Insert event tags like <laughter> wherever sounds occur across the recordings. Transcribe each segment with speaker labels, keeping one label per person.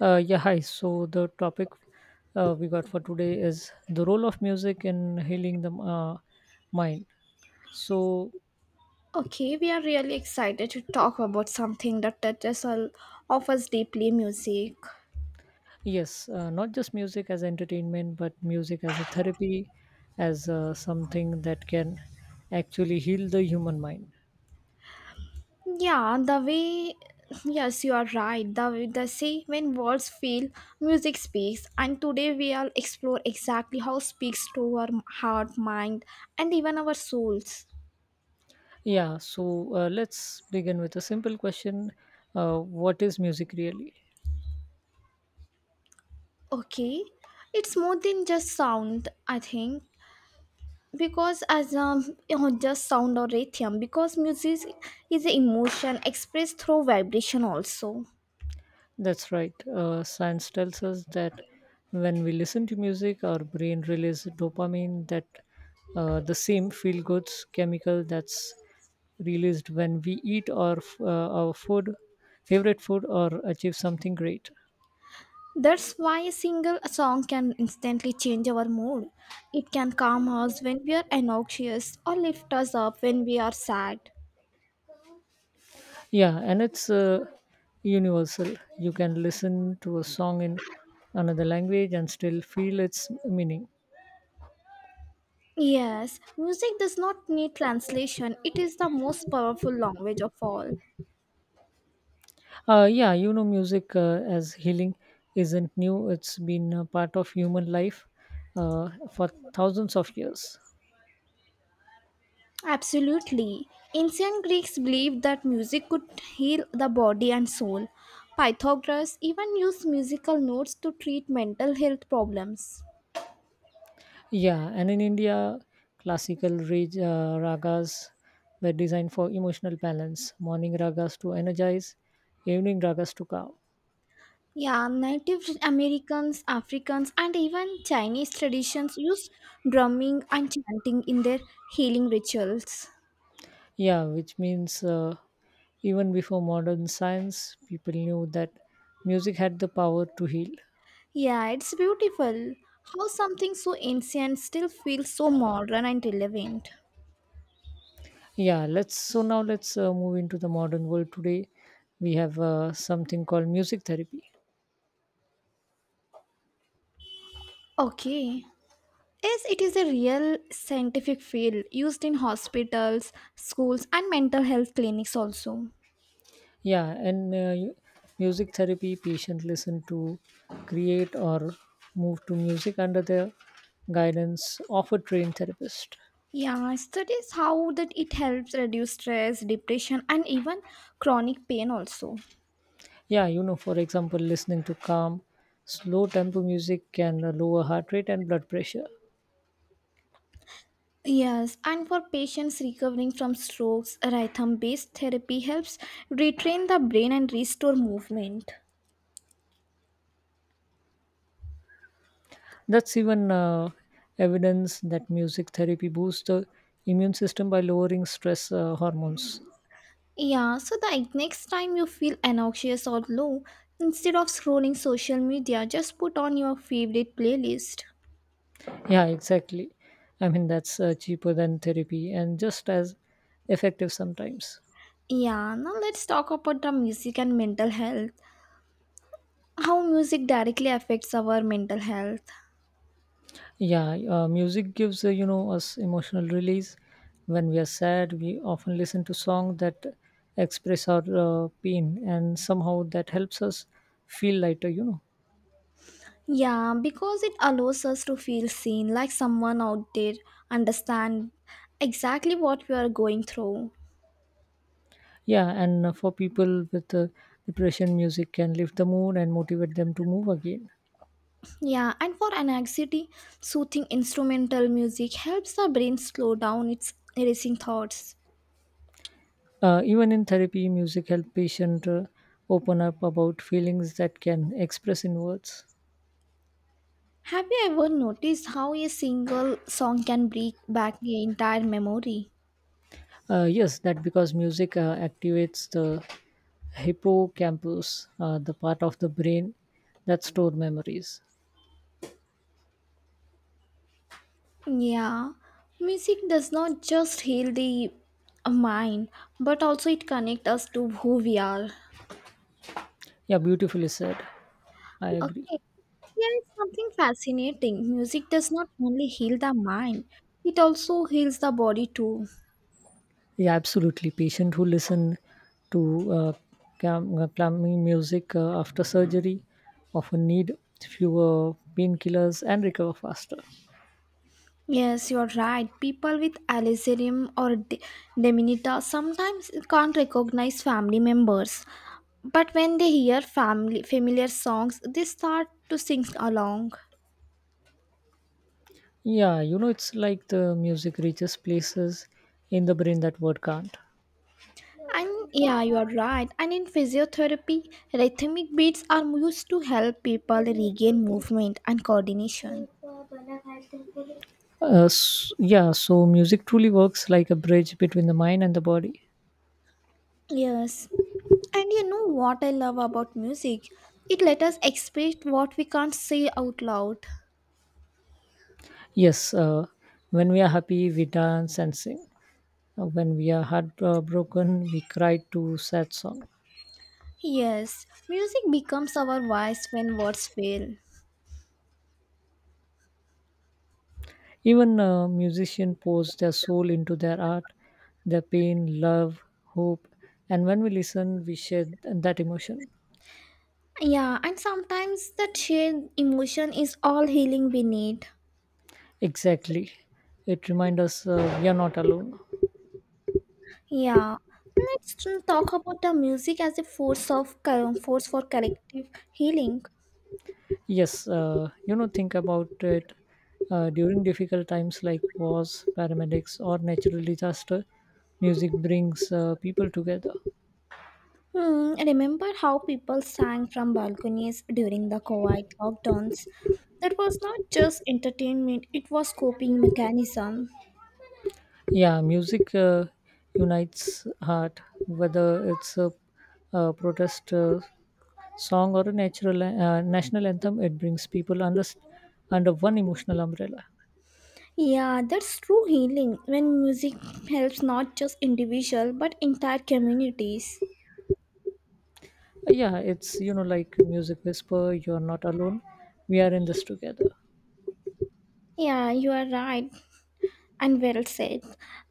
Speaker 1: Yeah, Hi. So the topic we got for today is the role of music in healing the mind. So
Speaker 2: Okay, we are really excited to talk about something that touches all of us deeply music.
Speaker 1: yes, not just music as entertainment, but music as a therapy, as something that can actually heal the human mind.
Speaker 2: Yeah, yes, you are right. The say when words fail, music speaks. And today we will explore exactly how speaks to our heart, mind, and even our souls.
Speaker 1: Yeah. So let's begin with a simple question: What is music really?
Speaker 2: Okay, it's more than just sound, I think. Because just sound or rhythm, because music is emotion expressed through vibration also.
Speaker 1: That's right. Science tells us that when we listen to music, our brain releases dopamine, that the same feel goods chemical that's released when we eat our food, favorite food, or achieve something great.
Speaker 2: That's why a single song can instantly change our mood. It can calm us when we are anxious or lift us up when we are sad.
Speaker 1: Yeah, and it's universal. You can listen to a song in another language and still feel its meaning.
Speaker 2: Yes, music does not need translation. It is the most powerful language of all.
Speaker 1: Yeah, you know, music as healing isn't new. It's been a part of human life for thousands of years.
Speaker 2: Absolutely. Ancient Greeks believed that music could heal the body and soul. Pythagoras even used musical notes to treat mental health problems.
Speaker 1: Yeah, and in India, classical ragas were designed for emotional balance. Morning ragas to energize, evening ragas to calm.
Speaker 2: Yeah, Native Americans, Africans, and even Chinese traditions used drumming and chanting in their healing rituals.
Speaker 1: Yeah, which means even before modern science, people knew that music had the power to heal.
Speaker 2: Yeah, it's beautiful how something so ancient still feels so modern and relevant.
Speaker 1: Yeah, let's so now let's move into the modern world today. We have something called music therapy.
Speaker 2: Okay. Yes, it is a real scientific field used in hospitals, schools, and mental health clinics also.
Speaker 1: Yeah, and uh, you- Music therapy patient listen to create or move to music under the guidance of a trained therapist.
Speaker 2: Yeah, studies how that it helps reduce stress, depression, and even chronic pain also.
Speaker 1: Yeah, you know, for example, listening to calm, slow tempo music can lower heart rate and blood pressure.
Speaker 2: Yes, and for patients recovering from strokes, rhythm based therapy helps retrain the brain and restore movement.
Speaker 1: That's even evidence that music therapy boosts the immune system by lowering stress hormones.
Speaker 2: Yeah, so the next time you feel anxious or low, instead of scrolling social media, just put on your favorite playlist.
Speaker 1: Yeah, exactly. I mean, that's cheaper than therapy and just as effective sometimes.
Speaker 2: Yeah, now let's talk about the music and mental health. How music directly affects our mental health.
Speaker 1: Yeah, music gives, you know, us emotional release. When we are sad, we often listen to songs that express our pain and somehow that helps us feel lighter,
Speaker 2: Yeah, because it allows us to feel seen, like someone out there understand exactly what we are going through.
Speaker 1: Yeah, and for people with depression, music can lift the mood and motivate them to move again.
Speaker 2: Yeah, and for anxiety, soothing instrumental music helps the brain slow down its racing thoughts.
Speaker 1: Even in therapy, music helps patient open up about feelings that can express in words.
Speaker 2: Have you ever noticed how a single song can bring back the entire memory?
Speaker 1: Yes, that because music activates the hippocampus, the part of the brain that store memories.
Speaker 2: Yeah, music does not just heal the mind, but also it connects us to who we are.
Speaker 1: Yeah, beautifully said. I agree.
Speaker 2: Okay, here is something fascinating. Music does not only heal the mind, it also heals the body too.
Speaker 1: Yeah, absolutely. Patient who listen to calming music after surgery often need fewer painkillers and recover faster.
Speaker 2: Yes, you're right. People with Alizarium or de- Dementia sometimes can't recognize family members. But when they hear family familiar songs, they start to sing along.
Speaker 1: Yeah, you know, it's like the music reaches places in the brain that word can't.
Speaker 2: And yeah, you're right. And in physiotherapy, rhythmic beats are used to help people regain movement and coordination.
Speaker 1: Yeah, so music truly works like a bridge between the mind and the body.
Speaker 2: Yes. And you know what I love about music? It let us express what we can't say out loud.
Speaker 1: Yes, when we are happy, we dance and sing. When we are heartbroken, we cry to sad song.
Speaker 2: Yes, music becomes our voice when words fail.
Speaker 1: Even musicians pours their soul into their art, their pain, love, hope, and when we listen, we share that emotion.
Speaker 2: Yeah, and sometimes that shared emotion is all healing we need.
Speaker 1: Exactly, it reminds us we are not alone.
Speaker 2: Yeah, let's talk about the music as a force of co- force for collective healing.
Speaker 1: Yes, you know, think about it. During difficult times like wars, paramedics, or natural disaster, music brings people together.
Speaker 2: Hmm, remember how people sang from balconies during the COVID lockdowns? That was not just entertainment; it was coping mechanism.
Speaker 1: Yeah, music unites heart, whether it's a protest song or a natural national anthem. It brings people under one emotional umbrella.
Speaker 2: Yeah, that's true healing when music helps not just individual but entire communities.
Speaker 1: Yeah, it's you know like music whisper. You're not alone. We are in this together.
Speaker 2: Yeah, you are right and well said.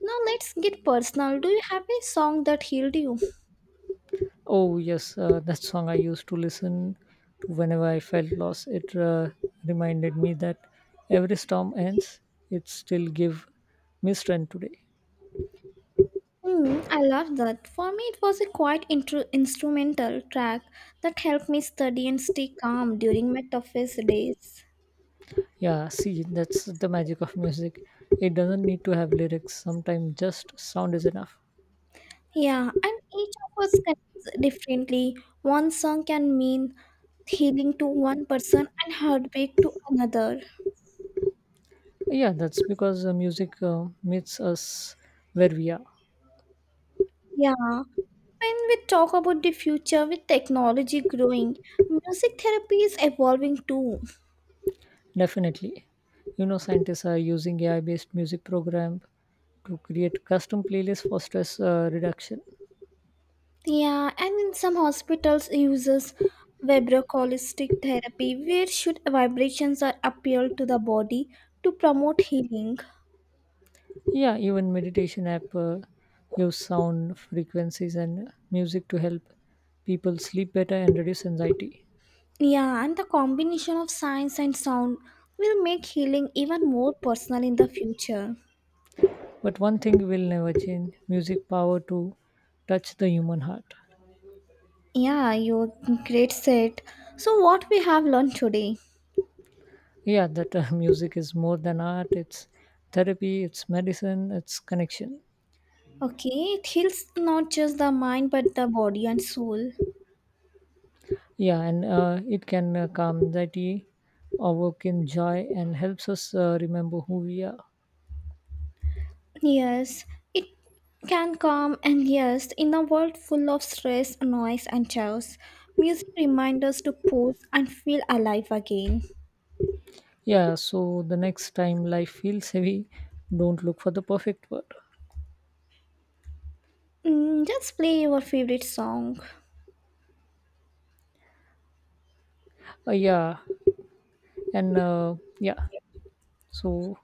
Speaker 2: Now let's get personal. Do you have a song that healed you?
Speaker 1: Oh yes, that song I used to listen to whenever I felt lost. It reminded me that every storm ends, it still give me strength today.
Speaker 2: Hmm, I love that. For me, it was a instrumental track that helped me study and stay calm during my toughest days.
Speaker 1: Yeah, see, that's the magic of music. It doesn't need to have lyrics. Sometimes just sound is enough.
Speaker 2: Yeah, and each of us connects differently. One song can mean healing to one person and heartbreak to another.
Speaker 1: Yeah, that's because music meets us where we are.
Speaker 2: Yeah, when we talk about the future with technology growing, music therapy is evolving too.
Speaker 1: Definitely, you know, scientists are using AI-based music program to create custom playlists for stress reduction.
Speaker 2: Yeah, and in some hospitals uses vibroacoustic therapy where should vibrations are appealed to the body to promote healing.
Speaker 1: Yeah, even meditation app use sound frequencies and music to help people sleep better and reduce anxiety.
Speaker 2: Yeah, and the combination of science and sound will make healing even more personal in the future.
Speaker 1: But one thing will never change: music power to touch the human heart.
Speaker 2: Yeah, you great said. So what we have learned today?
Speaker 1: Yeah, that <laughs> music is more than art. It's therapy. It's medicine. It's connection.
Speaker 2: Okay, it heals not just the mind but the body and soul.
Speaker 1: Yeah, and it can calm anxiety, awaken joy, and helps us remember who we are.
Speaker 2: Yes, it can calm and yes, in a world full of stress, noise, and chaos, music reminds us to pause and feel alive again.
Speaker 1: Yeah, so the next time life feels heavy, don't look for the perfect word.
Speaker 2: Mm, just play your favorite song.
Speaker 1: Yeah, and yeah, so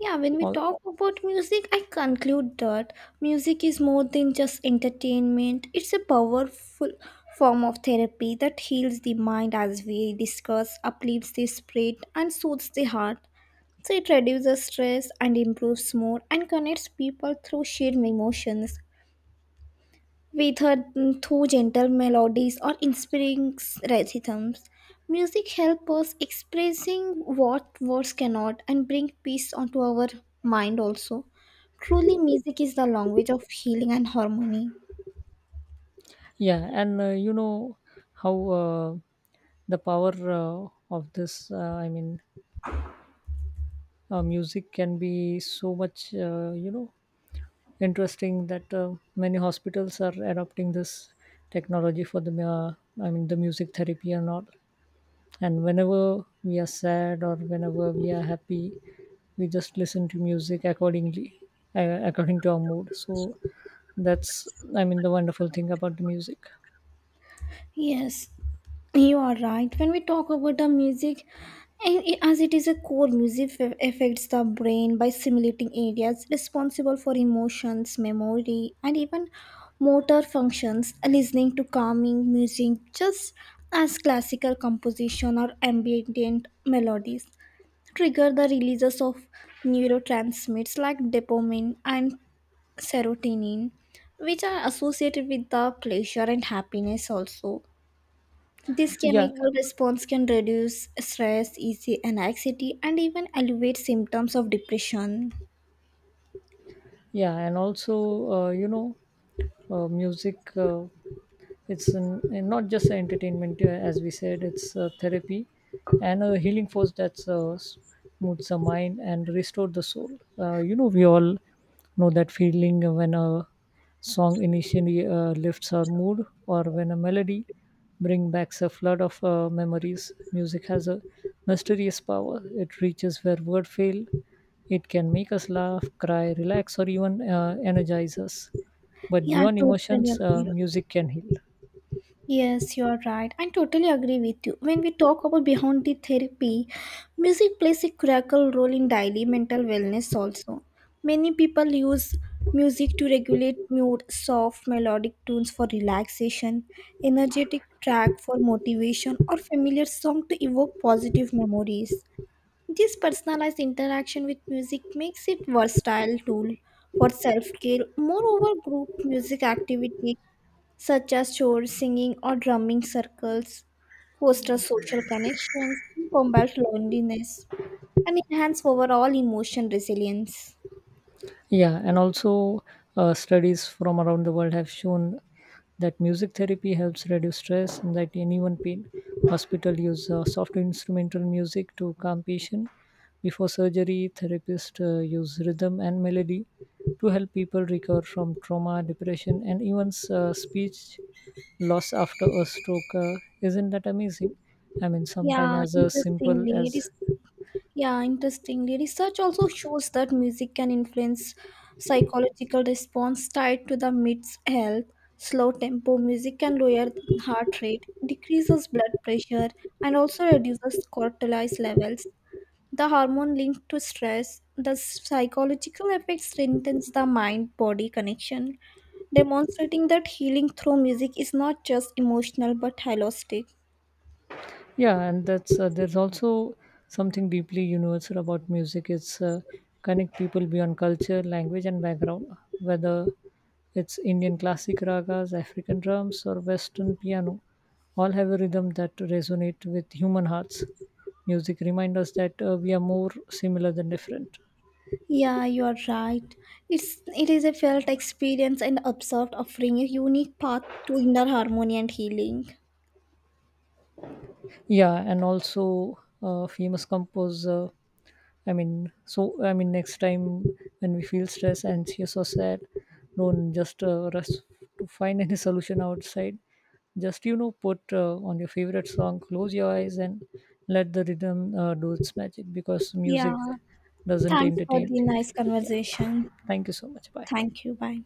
Speaker 2: Yeah, when we
Speaker 1: all
Speaker 2: talk about music, I conclude that music is more than just entertainment. It's a powerful form of therapy that heals the mind, as we discuss, uplifts the spirit, and soothes the heart. So it reduces stress and improves mood and connects people through shared emotions with her through gentle melodies or inspiring rhythms. Music helps us expressing what words cannot and bring peace onto our mind also. Truly, music is the language of healing and harmony.
Speaker 1: Yeah, and you know how the power of this, music can be so much, you know, interesting that many hospitals are adopting this technology for the music therapy and all. And whenever we are sad or whenever we are happy, we just listen to music accordingly, according to our mood. That's, I mean, the wonderful thing about the music.
Speaker 2: Yes, you are right. When we talk about the music, and as it is a core, affects the brain by simulating areas responsible for emotions, memory, and even motor functions. Listening to calming music, just as classical composition or ambient melodies, trigger the releases of neurotransmitters like dopamine and serotonin, which are associated with the pleasure and happiness also this
Speaker 1: Yeah,
Speaker 2: chemical response can reduce stress, easy and anxiety, and even alleviate symptoms of depression.
Speaker 1: yeah, and also, you know, music. It's an, and Not just a entertainment as we said, it's a therapy and a healing force that's smooths the mind and restore the soul. You know, we all know that feeling when a song initially lifts our mood, or when a melody bring back a flood of memories. Music has a mysterious power. It reaches where words fail. It can make us laugh, cry, relax, or even energize us, but
Speaker 2: Yeah, I
Speaker 1: beyond
Speaker 2: totally
Speaker 1: emotions,
Speaker 2: agree.
Speaker 1: music can heal.
Speaker 2: Yes, you are right. I totally agree with you. When we talk about beyond the therapy, music plays a critical role in daily mental wellness also. Many people use music to regulate mood, soft melodic tunes for relaxation, energetic track for motivation, or familiar song to evoke positive memories. This personalized interaction with music makes it versatile tool for self-care. Moreover, group music activity such as chore singing or drumming circles foster social connections, combat loneliness, and enhance overall emotion resilience.
Speaker 1: Yeah, and also studies from around the world have shown that music therapy helps reduce stress and that anyone pain hospital use soft instrumental music to calm patient. Before surgery, therapists use rhythm and melody to help people recover from trauma, depression, and even speech loss after a stroke. Isn't that amazing? I mean, sometimes
Speaker 2: Yeah,
Speaker 1: as a simple
Speaker 2: interestingly, it
Speaker 1: as.
Speaker 2: is Yeah, interestingly, research also shows that music can influence psychological response tied to the mid's health. Slow tempo music can lower heart rate, decreases blood pressure, and also reduces cortisol levels, the hormone linked to stress. The psychological effect strengthens the mind-body connection, demonstrating that healing through music is not just emotional but holistic.
Speaker 1: Yeah, and that's there's also something deeply universal about music. It's connect people beyond culture, language, and background. Whether it's Indian classic ragas, African drums, or Western piano, all have a rhythm that resonate with human hearts. Music reminds us that we are more similar than different.
Speaker 2: Yeah, you are right. It is a felt experience and observed offering a unique path to inner harmony and healing.
Speaker 1: Yeah, and also famous composer, I mean, next time when we feel stressed, anxious, or sad, don't just rush to find any <laughs> solution outside. Just you know, put on your favorite song, close your eyes, and let the rhythm do its magic, because
Speaker 2: Yeah.
Speaker 1: music doesn't
Speaker 2: Thanks for
Speaker 1: entertain.
Speaker 2: the nice
Speaker 1: Yeah,
Speaker 2: conversation.
Speaker 1: thank you so much. Bye.
Speaker 2: Thank you. Bye.